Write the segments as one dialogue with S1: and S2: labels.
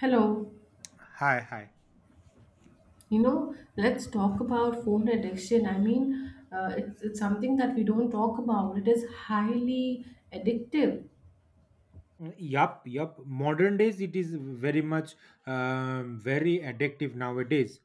S1: Hello.
S2: Hi, hi.
S1: You know, let's talk about phone addiction. It's something that we don't talk about. It is highly addictive.
S2: Mm, yup, yup. Modern days, it is very much very addictive nowadays.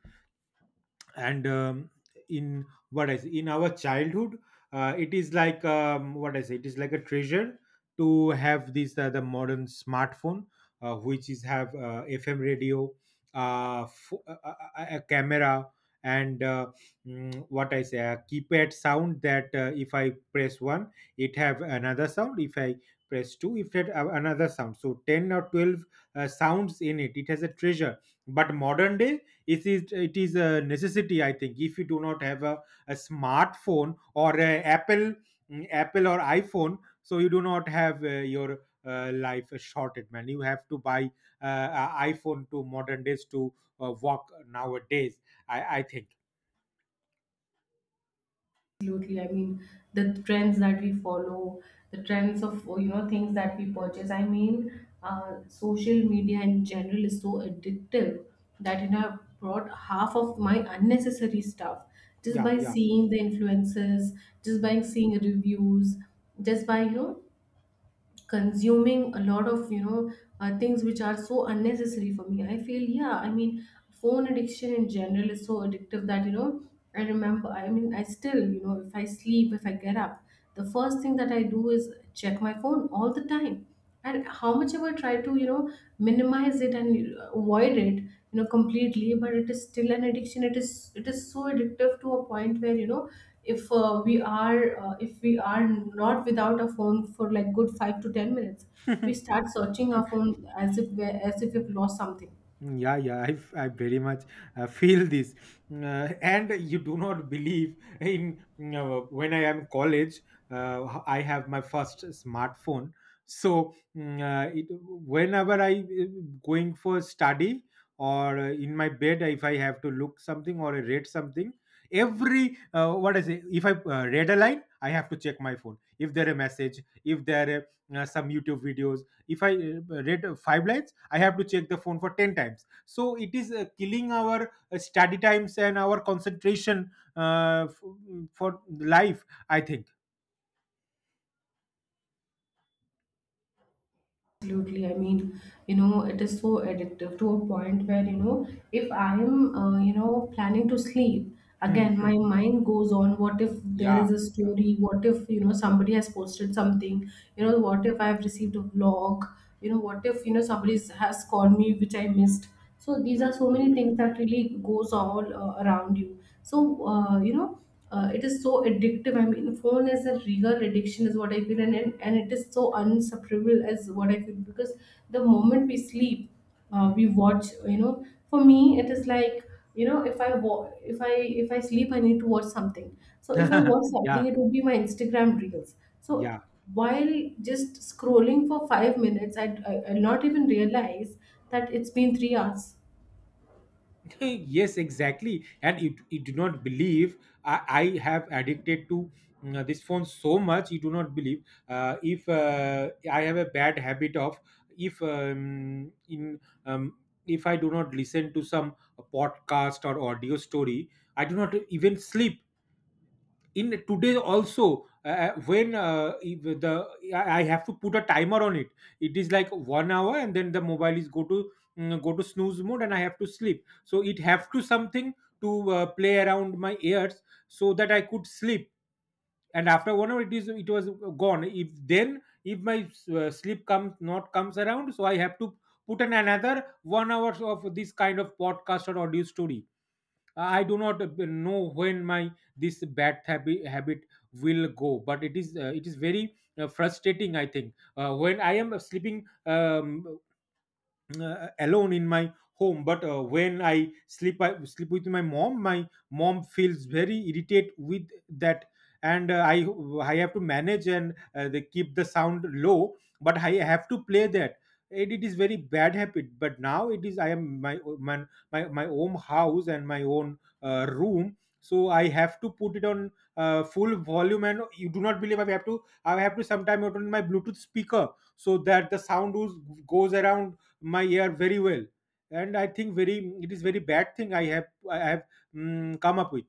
S2: And in what I say, in our childhood, it is like what I say, it is like a treasure to have this the modern smartphone, which is have FM radio, a, a camera, and uh, what I say, a keypad sound that if I press one, it have another sound. If I press two, if it have another sound. So 10 or 12 sounds in it. It has a treasure. But modern day it is a necessity, I think, if you do not have a smartphone or a apple, apple or iphone, so you do not have your life shorted man, you have to buy a iphone to modern days to walk nowadays, i think.
S1: Absolutely. I mean, the trends that we follow, the trends of, you know, things that we purchase. Social media in general is so addictive that it have brought half of my unnecessary stuff just
S2: Yeah,
S1: by
S2: yeah.
S1: seeing the influences, just by seeing reviews, just by, you know, consuming a lot of things which are so unnecessary for me, I feel. Yeah, I mean, phone addiction in general is so addictive that, you know, I remember, I mean, I still, you know, if I get up, the first thing that I do is check my phone all the time. And how much ever try to, you know, minimize it and avoid it, you know, completely, but it is still an addiction. It is so addictive to a point where, you know, if we are if we are not without a phone for like good 5 to 10 minutes, we
S2: Hmm.
S1: start searching our phone as if we've lost something.
S2: Yeah, yeah, I very much feel this, and you do not believe in when I am college. I have my first smartphone, so it, whenever I going for study or in my bed, if I have to look something or read something, every what I say, if I read a line, I have to check my phone. If there a message, if there are some YouTube videos, if I read five lines, I have to check the phone for 10 times, so it is killing our study times and our concentration, for life I think.
S1: Absolutely. I mean, you know, it is so addictive to a point where, you know, if I am, you know, planning to sleep,
S2: Hmm,
S1: again, my
S2: hmm.
S1: mind goes on, what if there
S2: Yeah,
S1: is a
S2: yeah.
S1: story? What if, you
S2: Hmm,
S1: know, somebody has posted something? You know,
S2: hmm,
S1: what if I have received a vlog? You know, what if, you know, somebody has called me which I missed? So these are so many
S2: hmm,
S1: things that really goes all around you, so it is so addictive. I mean, phone is a real addiction is what I feel. And it is so unsufferable as what I feel, because the moment we sleep,
S2: hmm.
S1: we watch, you know, for me it is like, you know, if I, if I sleep, I need to watch something. So if I watch
S2: Yeah,
S1: something, it would be my Instagram reels. So
S2: yeah.
S1: while just scrolling for 5 minutes, I not even realize that it's been 3 hours.
S2: Yes, exactly, and you do not believe, I have addicted to this phone so much. You do not believe. If I have a bad habit of, if in um, if I do not listen to some podcast or audio story, I do not even sleep. In today also when if the I have to put a timer on it. It is like 1 hour and then the mobile is go to go to snooze mode and I have to sleep, so it have to something to play around my ears so that I could sleep. And after 1 hour it was gone. If then, if my sleep comes not comes around, so I have to put in another 1 hours of this kind of podcast or audio story. I do not know when my this bad habit will go, but it is very frustrating, i think, when I am sleeping alone in my home. But when I sleep, I sleep with my mom, my mom feels very irritated with that. And i have to manage, and they keep the sound low, but I have to play that. It is very bad habit, but now it is I am my own house and my own room, so I have to put it on full volume. And you do not believe, I have to sometimes put on my bluetooth speaker so that the sound goes around my ear very well. And I think very it is very bad thing I have come up with.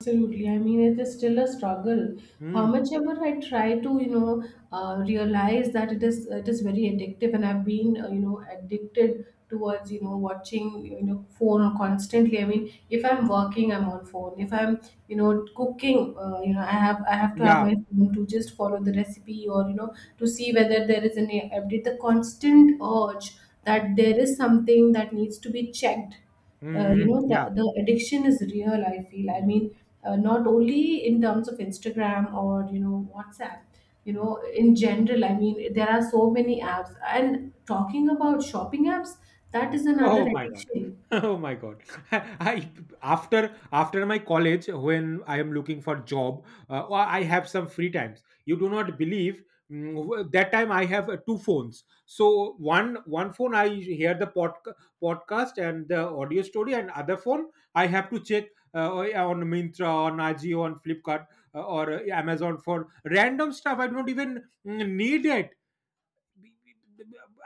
S1: Absolutely. I mean, it is still a struggle. How
S2: Mm,
S1: much ever I try to, you know, realize that it is very addictive, and I've been, you know, addicted towards, you know, watching, you know, phone constantly. I mean, if I'm working, I'm on phone. If I'm, you know, cooking, you know, I have to have
S2: yeah.
S1: my phone to just follow the recipe, or, you know, to see whether there is any update. The constant urge
S2: Mm,
S1: that there is something that needs to be checked,
S2: mm,
S1: you
S2: mm,
S1: know,
S2: yeah.
S1: the addiction is real, I feel.
S2: Mm,
S1: I
S2: mm.
S1: mean, not only in terms of Instagram or, you know, WhatsApp, you know, in general. I mean, there are so many apps, and talking about shopping apps, that
S2: Hmm.
S1: is another
S2: Oh my god.
S1: addiction.
S2: Oh my god. I, after after my college, when I am looking for job, or I have some free times. You do not believe, that time I have two phones. So one phone I hear the podcast and the audio story, and other phone I have to check on Mintra, on Ajio, on Flipkart, or Amazon for random stuff. I don't even need it.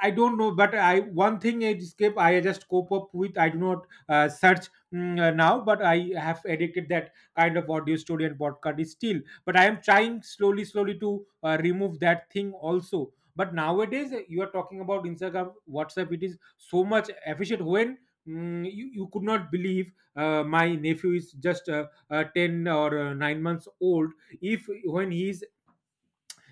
S2: I don't know, but I one thing escape I just cope up with. I do not search now, but I have addicted that kind of audio story and podcast is still. But I am trying slowly, slowly to remove that thing also. But nowadays, you are talking about Instagram, WhatsApp. It is so much efficient when. You could not believe, my nephew is just 10 or 9 months old. If when he is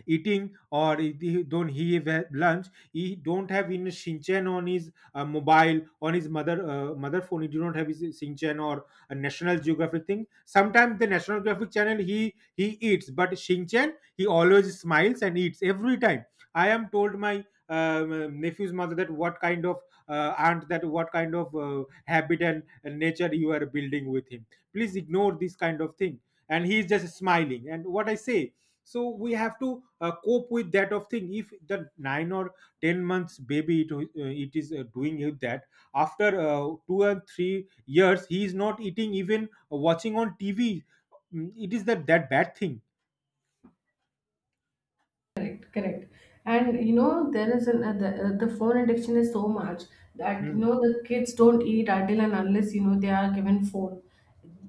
S2: eating, or if he don't he have lunch, he don't have in shinchan on his mobile, on his mother phone. He do not have his shinchan or a national geographic thing. Sometimes the national geographic channel he eats, but shinchan, he always smiles and eats every time. I am told my nephew's mother that what kind of aunt, that what kind of habit and nature you are building with him. Please ignore this kind of thing. And he is just smiling and what I say. So we have to cope with that of thing. If the 9 or 10 months baby it, it is doing it, that after 2 and 3 years he is not eating even watching on tv. Mm, it is that bad thing.
S1: Correct, correct. And you know, there is an the phone addiction is so much that, you
S2: Hmm.
S1: know, the kids don't eat until and unless, you know, they are given phone.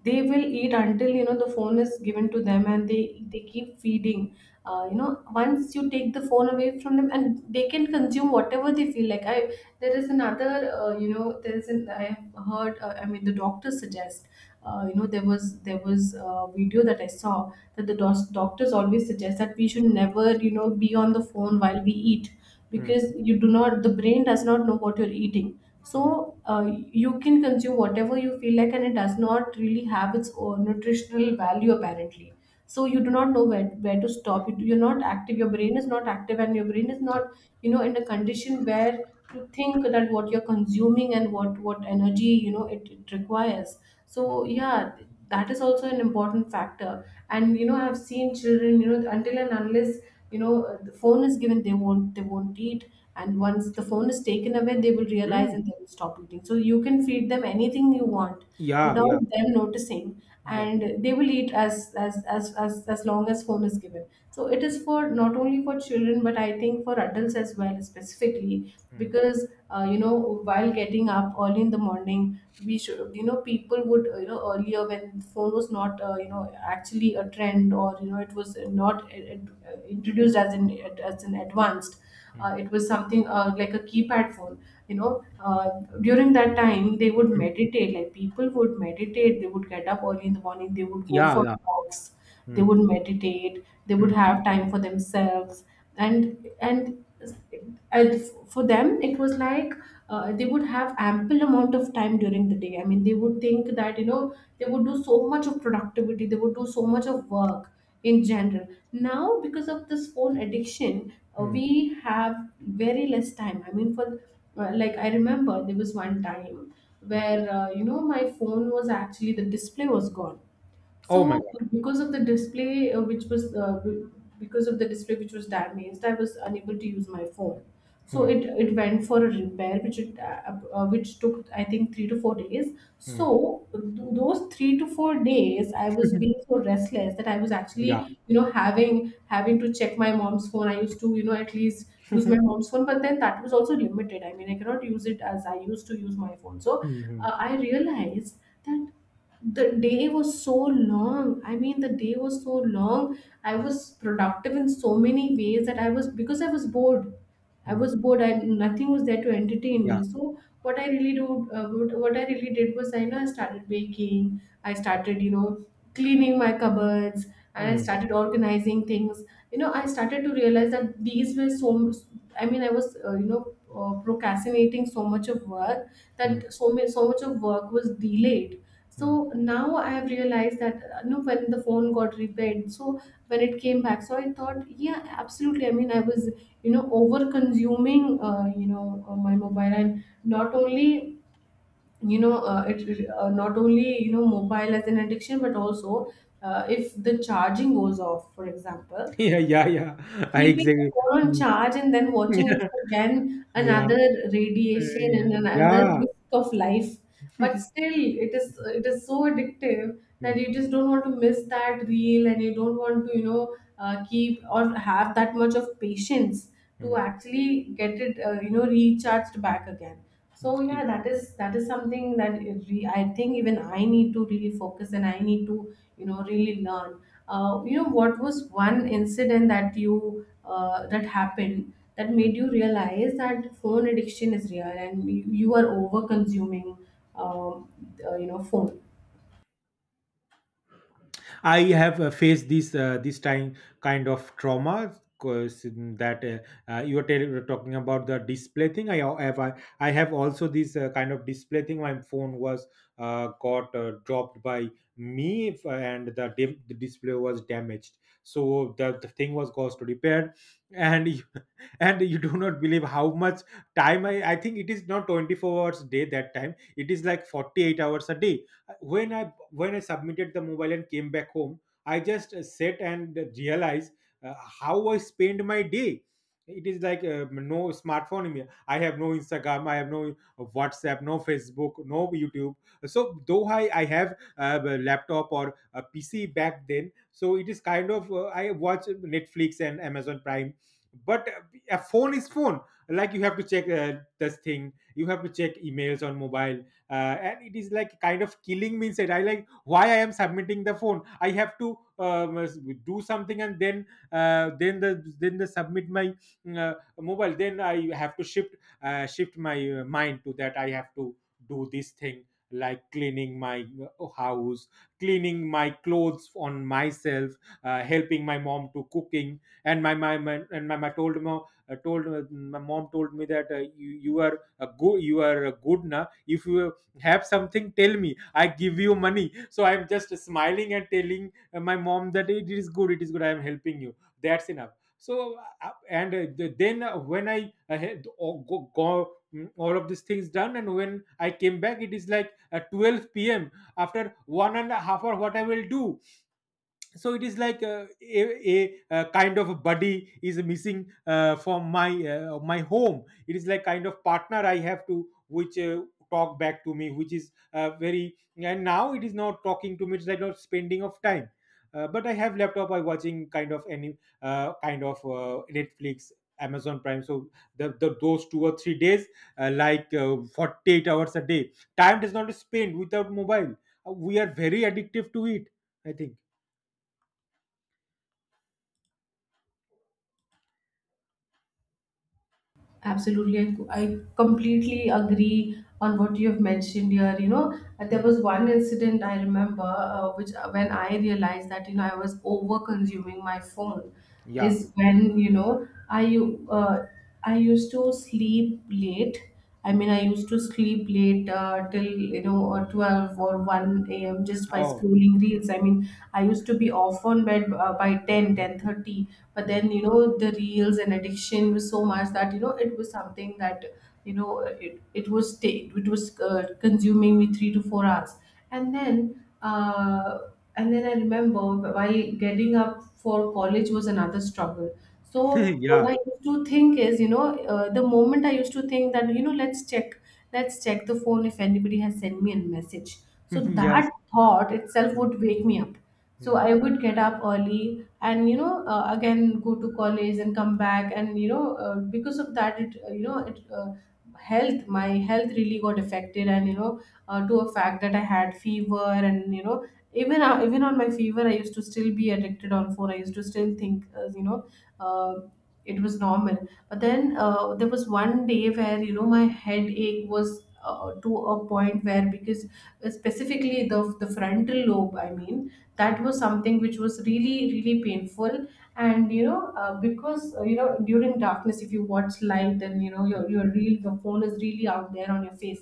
S1: They will eat until, you know, the phone is given to them, and they keep feeding. You know, once you take the phone away from them, and they can consume whatever they feel like. I there is another You know, there is an I have heard I mean the doctors suggest you know there was a video that I saw that the dos- doctors always suggest that we should never, you know, be on the phone while we eat,
S2: Hmm.
S1: because you do not, the brain does not know what you're eating. So
S2: Hmm.
S1: uh, you can consume whatever you feel like, and it does not really have its own nutritional value apparently. So you do not know where to stop. You, you're not active, your brain is not active, and your brain is
S2: Ah.
S1: not, you know, in a condition where to think that what you're consuming, and what energy, you know, it requires. So yeah, that is also an important factor. And you know, I've seen children, you know, until and unless, you know, the phone is given, they won't eat, and once the phone is taken away, they will realize
S2: Mm,
S1: and they will stop eating. So you can feed them anything you want
S2: yeah,
S1: without
S2: yeah,
S1: them noticing,
S2: yeah.
S1: and they will eat as as long as phone is given. So it is, for not only for children, but I think for adults as well, specifically
S2: Hmm.
S1: because, you know, while getting up early in the morning, we should, you know, people would, you know, earlier when phone was not, you know, actually a trend, or, you know, it was not introduced as an, as an advanced,
S2: Hmm.
S1: it was something, like a keypad phone, you know, during that time they would
S2: Mm.
S1: meditate. Like people would meditate, they would get up early in the morning, they would go
S2: Yeah,
S1: for
S2: yeah.
S1: walks, they
S2: Hmm.
S1: would meditate, they would
S2: Hmm.
S1: have time for themselves. And and and for them it was like, they would have ample amount of time during the day. I mean, they would think that, you know, they would do so much of productivity, they would do so much of work in general. Now because of this phone addiction,
S2: Hmm.
S1: we have very less time. I mean, for, like I remember there was one time where, you know, my phone was actually, the display was gone.
S2: Oh my
S1: So
S2: god.
S1: because of the display, which was be- because of the display which was damaged, I was unable to use my phone. So
S2: Hmm.
S1: it went for a repair, which it which took I think 3 to 4 days.
S2: Hmm.
S1: So those 3 to 4 days, I was being so restless that I was
S2: Yeah.
S1: actually, you know, having to check my mom's phone. I used to, you know, at least use my mom's phone, but then that was also limited. I mean, I cannot use it as I used to use my phone. So
S2: Hmm. Hmm.
S1: I realized that the day was so long. I mean, the day was so long, I was productive in so many ways, that I was, because I was bored, i
S2: Hmm.
S1: was bored I nothing was there to entertain
S2: Yeah.
S1: me. So what I really do, what I really did was, I know, I started baking, I started, you know, cleaning my cupboards, and I
S2: Hmm.
S1: started organizing things. You know, I started to realize that these were I mean, I was, you know, procrastinating so much of work,
S2: Hmm.
S1: that so much of work was delayed.
S2: Hmm.
S1: So now I have realized that, you know, when the phone got repaired, so when it came back, so I thought, yeah, absolutely. I mean, I was, you know, over consuming, you know, my mobile, and not only, you know, it not only, you know, mobile as an addiction, but also, if the charging goes off, for example.
S2: Yeah, yeah, yeah, I
S1: Keeping
S2: exactly.
S1: the phone on
S2: Mm.
S1: charge and then watching it again,
S2: Yeah,
S1: another
S2: uh,
S1: radiation and another
S2: yeah.
S1: risk of life. But still, it is so addictive that
S2: Hmm,
S1: you just don't want to miss that reel, and you don't want to, you know, keep or have that much of patience to
S2: hmm,
S1: actually get it, you know, recharged back again. So yeah,
S2: E,
S1: that is, that is something that I think even I need to really focus, and I need to, you know, really learn. Uh, you know, what was one incident that you that happened that
S2: hmm.
S1: made you realize that phone addiction is real, and you are over consuming, um, you know, phone?
S2: I have faced this this time kind of trauma, cause that you are talking about the display thing. I have also this kind of display thing. My phone was got dropped by me, and the display was damaged. So the thing was caused to repair, and and you do not believe how much time I think. It is not 24 hours a day that time. It is like 48 hours a day. When I when I submitted the mobile and came back home, I just sat and realized uh, how I spend my day. It is like no smartphone in me, I have no instagram, I have no whatsapp, no facebook, no youtube. So though I have a laptop or a pc back then, so it is kind of I watch netflix and amazon prime. But a phone is phone, like you have to check this thing, you have to check emails on mobile, uh, and it is like kind of killing me inside. I like why I am submitting the phone, I have to do something and then uh, then the then the submit my mobile, then I have to shift my mind to that. I have to do this thing, like cleaning my house, cleaning my clothes on myself, helping my mom to cooking. And my and my told mom, told my mom told me that you are a good na, if you have something tell me, I give you money. So I'm just smiling and telling my mom that it is good, it is good, I am helping you, that's enough. So then when I had all, all of these things done. And when I came back, it is like 12 p.m. After 1.5 hour, what I will do? So it is like a, a kind of a buddy is missing from my home. It is like kind of partner I have to which talk back to me, which is very, and now it is not talking to me, it's like not spending of time. But I have laptop, I watching kind of any kind of netflix, amazon prime. So the those 2 or 3 days, like 48 hours a day, time does not spend without mobile. We are very addictive to it, I think.
S1: Absolutely. I completely agree on what you have mentioned here. You know, there
S2: Hmm.
S1: was one incident I remember, which, when I realized that, you know, I was over consuming my phone,
S2: Yeah.
S1: is when, you know, I used to sleep late. I mean,
S2: Mm.
S1: I used to sleep late, till, you know, or 12 or one a.m., just by
S2: Oh.
S1: scrolling reels. I mean, I used to be off on bed, by
S2: Mhm,
S1: 10:30. But
S2: mm.
S1: then, you know, the reels and addiction was so much that, you know, it was something that, you know, it was, consuming me 3 to 4 hours. And then I remember why getting up for college was another struggle. So what I
S2: Yeah.
S1: used to think is, you know, the moment I used to think that, you know, let's check the phone if anybody has sent me a message. So
S2: Yes.
S1: that thought itself
S2: Mm,
S1: would wake me up. So
S2: mm,
S1: I would get up early and again go to college and come back, and because of that it you know it health, my health really got affected. And to a fact that I had fever, and even on my fever I used to still be addicted on phone. I used to still think, uh, it was normal. But then there was one day where you know my headache was to a point where, because specifically the frontal lobe, I mean
S2: mm,
S1: that was something which was really, really painful. And you know, because you know, during darkness, if you watch light, then you know your
S2: mm.
S1: your real the phone is really out there on your face.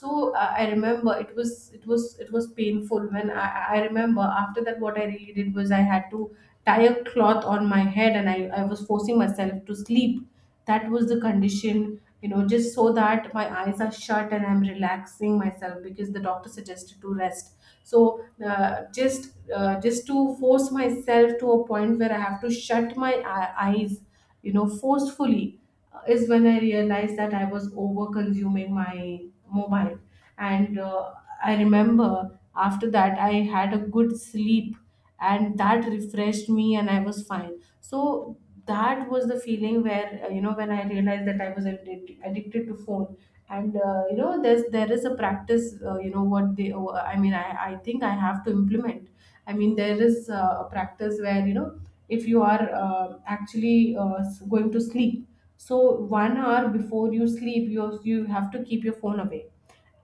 S1: So I remember it was, it was painful when I remember. After that what I really did was, I had to tie a cloth on my head and I was forcing myself to sleep. That was the condition, you know, just so that my eyes are shut and I'm relaxing myself, because the doctor suggested to rest. So just to force myself to a point where I have to shut eyes, you know, forcefully, is when I realized that I was over consuming my mobile. And I remember after that I had a good sleep, and that refreshed me and I was fine. So that was the feeling where, you know, when I realized that I was addicted to phone. And You know, there is a practice, you know what they I mean I think I have to implement. I mean there is a practice where, you know, if you are, going to sleep, so 1 hour before you sleep, you have to keep your phone away,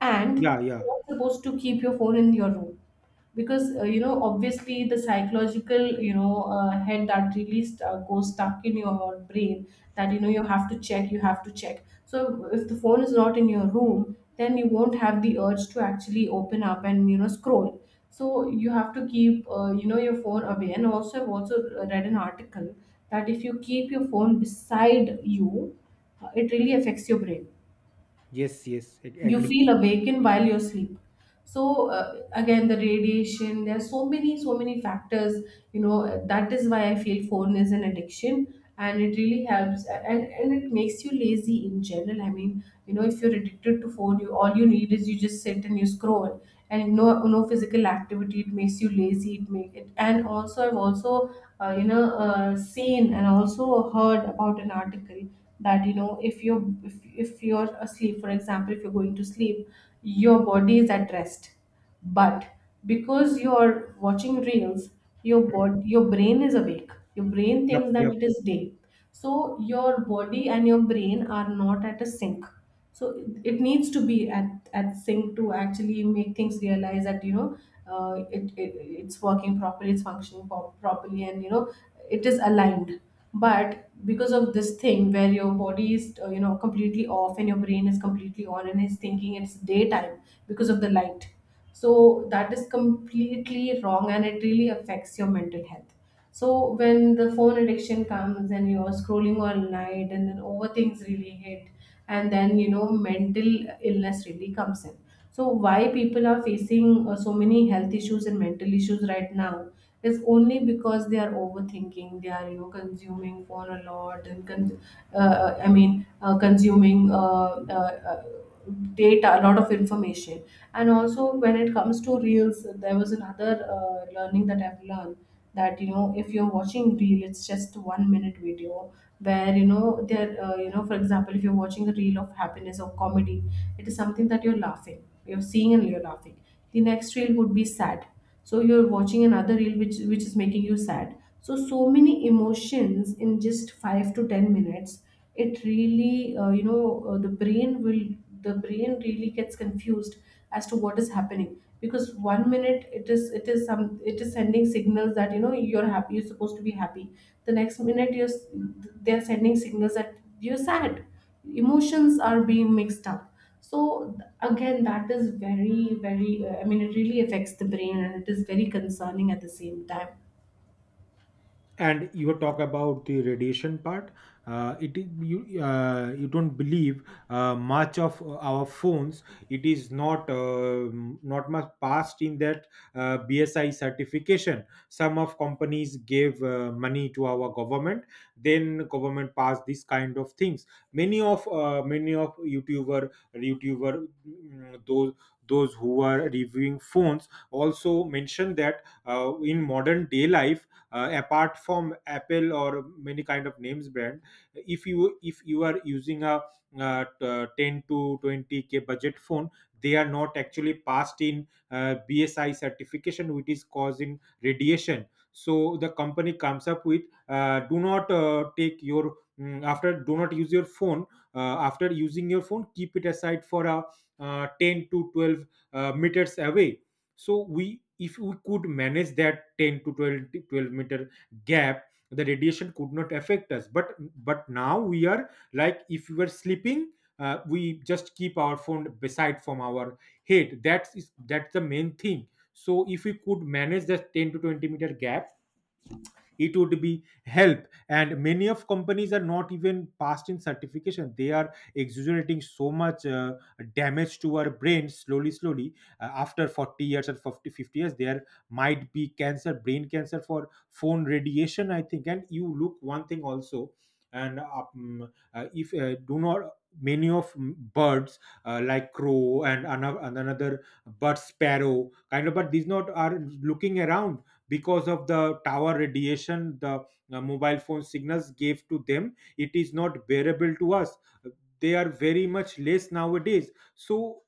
S1: and
S2: Yeah, yeah.
S1: you're not supposed to keep your phone in your room. Because you know, obviously the psychological, head that really goes stuck in your brain, that you know you have to check. So if the phone is not in your room, then you won't have the urge to actually open up and, you know, scroll. So you have to keep, you know, your phone away. And also I've also read an article that if you keep your phone beside you, it really affects your brain.
S2: Yes, yes. Ag-
S1: You
S2: agree.
S1: feel awakened while you sleep. So again, the radiation. There are so many, so many factors, you know, that is why I feel phone is an addiction. And it really helps, and it makes you lazy in general. I mean, you know, if you're addicted to phone, you all you need is you just sit and you scroll. And no, no physical activity. It makes you lazy. It make it And also I've also, seen and also heard about an article that, you know, if you're asleep. For example, if you're going to sleep, your body is at rest, but because you're watching reels,
S2: Mm.
S1: your brain is awake. Your brain
S2: Yep,
S1: thinks that
S2: yep.
S1: it is day. So your body and your brain are not at a sync. So it needs to be at sync to actually make things realize that, you know, it it's working properly, it's functioning properly, and you know, it is aligned. But because of this thing, where your body is, you know, completely off, and your brain is completely on and is thinking it's daytime because of the light. So that is completely wrong, and it really affects your mental health. So when the phone addiction comes and you're scrolling all night, and then over things really hit, and then you know mental illness really comes in. So why people are facing, so many health issues and mental issues right now is only because they are overthinking. They are, you know, consuming phone a lot, and consuming, data, a lot of information. And also, when it comes to reels, there was another learning that I've learned, that you know, if you're watching reel, it's just 1 minute video where you know there, you know, for example, if you're watching a reel of happiness or comedy, it is something that you're laughing, you're seeing and you're laughing. The next reel would be sad. So you're watching another reel which is making you sad. So so many emotions in just 5 to 10 minutes. It really, the brain really gets confused as to what is happening, because one minute it is sending signals that, you know, you're happy, you're supposed to be happy. The next minute they're sending signals that you're sad. Emotions are being mixed up. So again, that is very, very, I mean, it really affects the brain, and it is very concerning at the same time.
S2: And you talk about the radiation part. It is you, you don't believe much of our phones. It is not not much passed in that BSI certification. Some of companies gave money to our government. Then government passed this kind of things. Many of youtuber mm, those those who are reviewing phones also mentioned that in modern day life, apart from Apple or many kind of names brand, if you are using a 10 to 20K budget phone, they are not actually passed in BSI certification, which is causing radiation. So the company comes up with, do not take your after do not use your phone. After using your phone, keep it aside for a 10 to 12 meters away. So we if we could manage that 10 to 12 meter gap, the radiation could not affect us. But now we are like, if we were sleeping, we just keep our phone beside from our head. That's the main thing. So if we could manage that 10 to 20 meter gap, it would be help. And many of companies are not even passed in certification, they are exaggerating so much damage to our brains, slowly slowly. After 40 years or fifty years, there might be cancer, brain cancer, for phone radiation, I think. And you look one thing also. And if do not many of birds, like crow and another bird, sparrow kind of, but these not are looking around, because of the tower radiation, the mobile phone signals gave to them, it is not bearable to us. They are very much less nowadays. So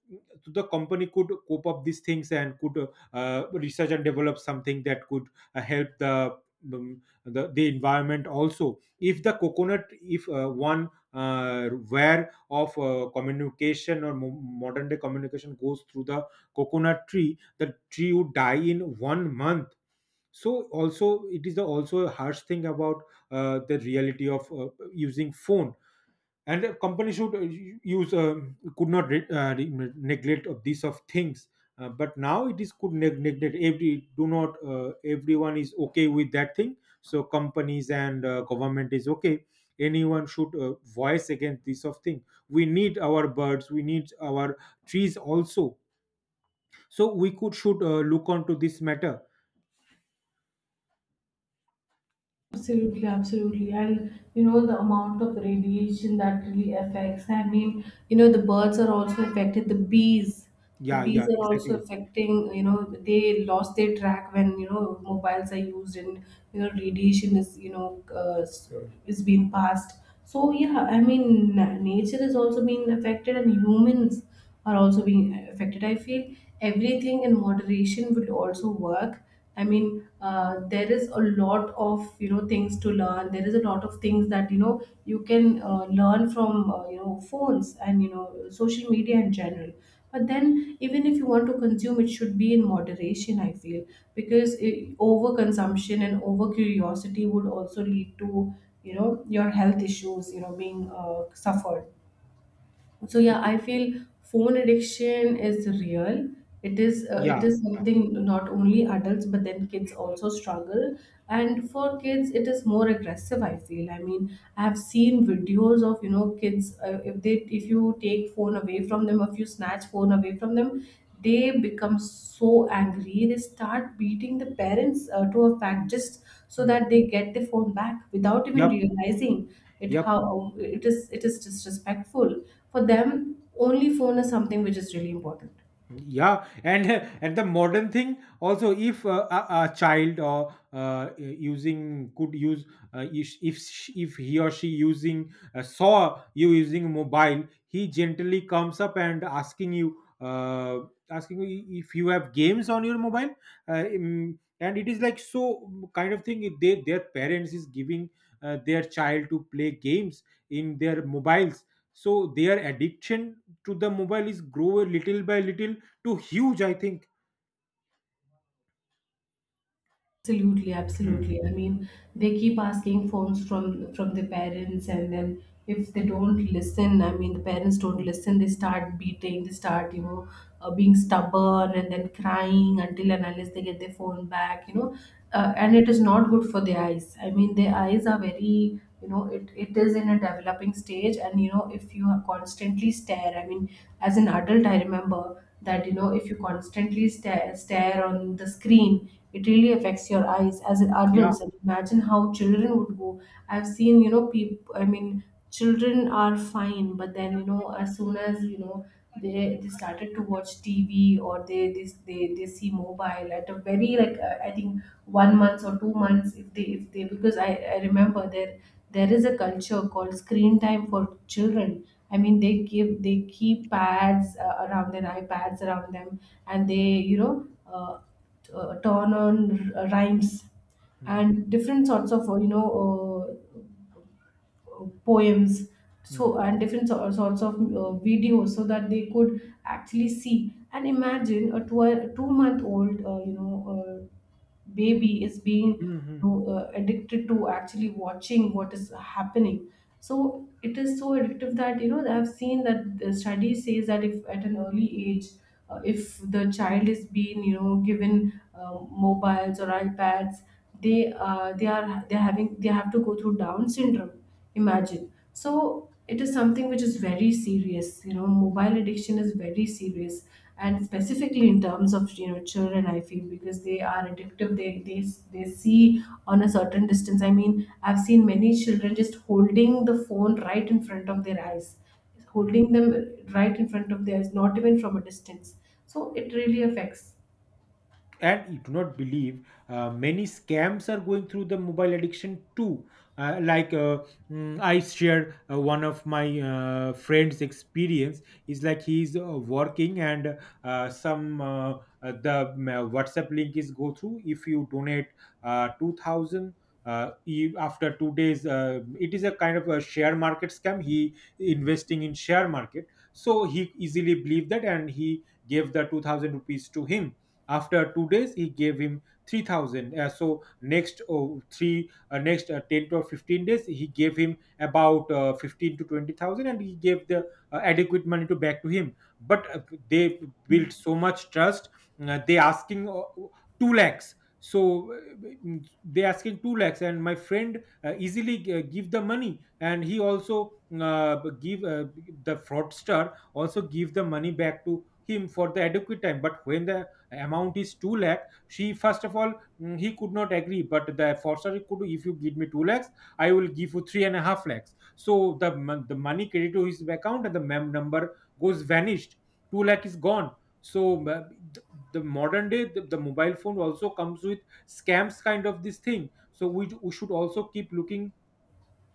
S2: the company could cope up these things and could research and develop something that could help the the environment also. If the coconut, if one where of communication or modern day communication goes through the coconut tree, the tree would die in 1 month. So also it is the also a harsh thing about the reality of using phone. And a company should use could not neglect of these of things. But now it is could neglect. Every do not Everyone is okay with that thing. So companies and government is okay. Anyone should voice against this of thing. We need our birds, we need our trees also. So we could should look onto this matter.
S1: Absolutely, absolutely. And you know, the amount of radiation that really affects. I mean, you know, the birds are also affected, the bees. The
S2: Yeah,
S1: bees
S2: yeah,
S1: are also
S2: exactly.
S1: affecting, you know, they lost their track when, you know, mobiles are used, and, you know, radiation is, you know,
S2: Mm.
S1: is being passed. So, yeah, I mean, nature is also being affected, and humans are also being affected. I feel everything in moderation will also work. I mean, there is a lot of, you know, things to learn. There is a lot of things that you know you can, learn from, you know, phones and, you know, social media in general. But then, even if you want to consume, it should be in moderation. I feel, because it, overconsumption and over curiosity would also lead to, you know, your health issues, you know, being suffered. So
S2: Y
S1: yeah, I feel phone addiction is real. It is, it
S2: Yeah,
S1: is
S2: yeah.
S1: something not only adults, but then kids also struggle. And for kids it is more aggressive, I feel. I mean, I have seen videos of, you know, kids, if you take phone away from them, if you snatch phone away from them, they become so angry. They start beating the parents, to a fact, just so
S2: Mm.
S1: that they get the phone back, without even
S2: Yep,
S1: realizing it,
S2: yep.
S1: how it is disrespectful. For them, only phone is something which is really important.
S2: Yeah, and and the modern thing also, if, a child or using could use if he or she using, saw you using mobile, he gently comes up and asking you if you have games on your mobile, and it is like so kind of thing. They Their parents is giving their child to play games in their mobiles, so their addiction to the mobile is grow little by little too huge, I think.
S1: Absolutely,
S2: Mm,
S1: absolutely. I mean, they keep asking phones from their parents, and then if they don't listen, I mean the parents don't
S2: mm,
S1: listen, they start beating, they start, you know, being stubborn and then crying until and unless they get their phone back, you know.
S2: mm.
S1: And it is not good for their eyes. I mean, their eyes are very, you know, it is in a developing stage. And you know, if you are constantly stare, I mean, as an adult, I remember that, you know, if you constantly stare on the screen, it really affects your eyes as an
S2: Yeah.
S1: adults. And imagine how children would go. I've seen, you know, people, I mean, children are fine, but then you know, as soon as, you know, they started to watch TV, or they see mobile at a very, like, I think 1 month or 2 months, if they, because I remember there is a culture called screen time for children. I mean, they give, they keep pads, around their iPads around them, and they, you know, turn on rhymes
S2: Mm,
S1: and different sorts of, poems. So
S2: mm,
S1: and different sorts of, videos, so that they could actually see. And imagine a two month old, you know, uh, baby is being,
S2: mm, mm.
S1: addicted to actually watching what is happening. So it is so addictive that, you know, I've seen that the study says that if at an early age, if the child is being, you know, given, mobiles or iPads, they are having, they have to go through down syndrome. Imagine. So it is something which is very serious. You know, mobile addiction is very serious, and specifically in terms of, you know, children, I feel, because they are addictive. They see on a certain distance. I mean, I've seen many children just holding the phone right in front of their eyes, holding them right in front of their eyes, not even from a distance. So it really affects.
S2: And you do not believe many scams are going through the mobile addiction too. uh, like uh, I share one of my friends experience is like, he's working and some the WhatsApp link is go through. If you donate 2000, after 2 days, it is a kind of a share market scam. He investing in share market, so he easily believed that, and he gave the 2000 rupees to him. After 2 days, he gave him 3000. So next, oh, three next 10 to 15 days, he gave him about 15 to 20,000, and he gave the adequate money to back to him. But they built so much trust. They asking 2 lakhs. So they asking 2 lakhs, and my friend easily give the money, and he also uh, give the fraudster also give the money back to him for the adequate time. But when the amount is 2 lakh, she first of all, he could not agree. But the forcer could, if you give me 2 lakhs, I will give you 3.5 lakhs. So the money credited to his account, and the mem number goes vanished. 2 lakh is gone. So th- the modern day, the mobile phone also comes with scams kind of this thing. So we should also keep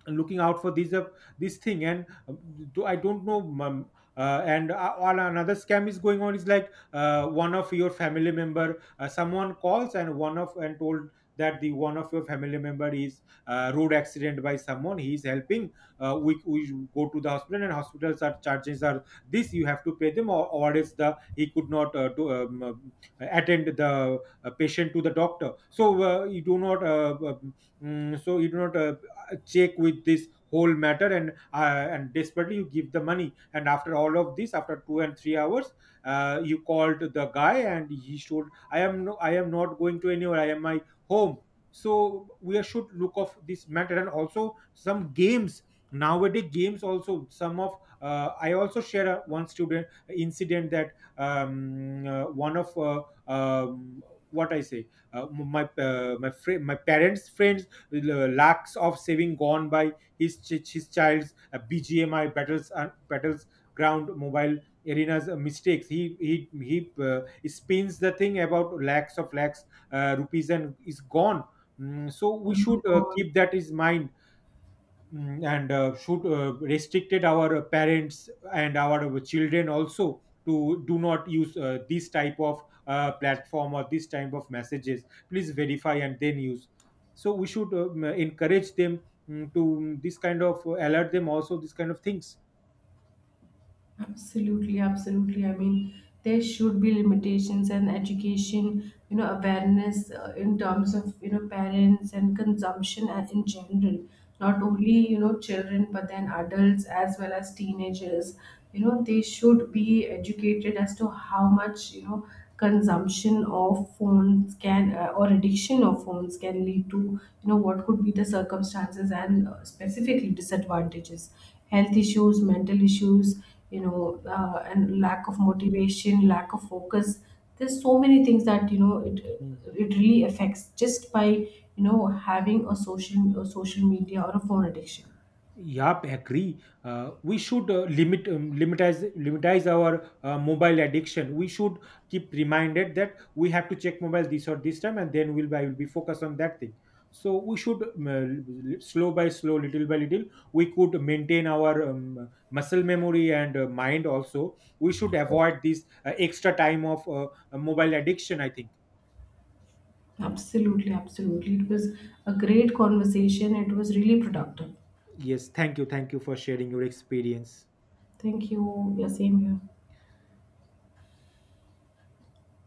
S2: looking out for these this thing and I don't know. And all another scam is going on, is like one of your family member, someone calls and one of and told that the one of your family member is road accident by someone, he is helping. We go to the hospital, and hospitals are charges are this, you have to pay them, or else the he could not attend the patient to the doctor. So you do not mm, so you do not uh, check with this whole matter. And desperately you give the money. And after all of this, after 2 and 3 hours, you called the guy, and he showed, I am no, I am not going to anywhere, I am my home. So we should look of this matter. And also some games, nowadays games also some of, I also share one student incident that one of um, what I say, my friend, my parents friends, lakhs of saving gone by his child's BGMI battles ground mobile arenas mistakes. He spins the thing about lakhs of lakhs rupees, and is gone. Mm, so
S1: Oh
S2: we should
S1: my god.
S2: keep that in mind. Mm, and should restricted our parents and our children also to do not use this type of platform or this type of messages. Please verify and then use. So we should encourage them, this kind of, alert them also, this kind of things.
S1: Absolutely, absolutely. I mean, there should be limitations and education, you know, awareness, in terms of, you know, parents and consumption, and in general, not only, you know, children, but then adults as well as teenagers. You know, they should be educated as to how much, you know, consumption of phones can, or addiction of phones can lead to, you know, what could be the circumstances, and, specifically disadvantages, health issues, mental issues, and lack of motivation, lack of focus. There's so many things that, you know, it
S2: Mm.
S1: it really affects just by, you know, having a social, a social media or a phone addiction.
S2: Yep, agree. We should limit, limitize our mobile addiction. We should keep reminded that we have to check mobile this or this time, and then we'll I will be focused on that thing. So we should slow by slow, little by little, we could maintain our muscle memory and mind also. We should
S1: Correct.
S2: avoid this extra time of mobile addiction, I think.
S1: Absolutely, absolutely. It was a great conversation, it was really productive.
S2: Yes, thank you for sharing your experience.
S1: Thank you. Yeah, same here.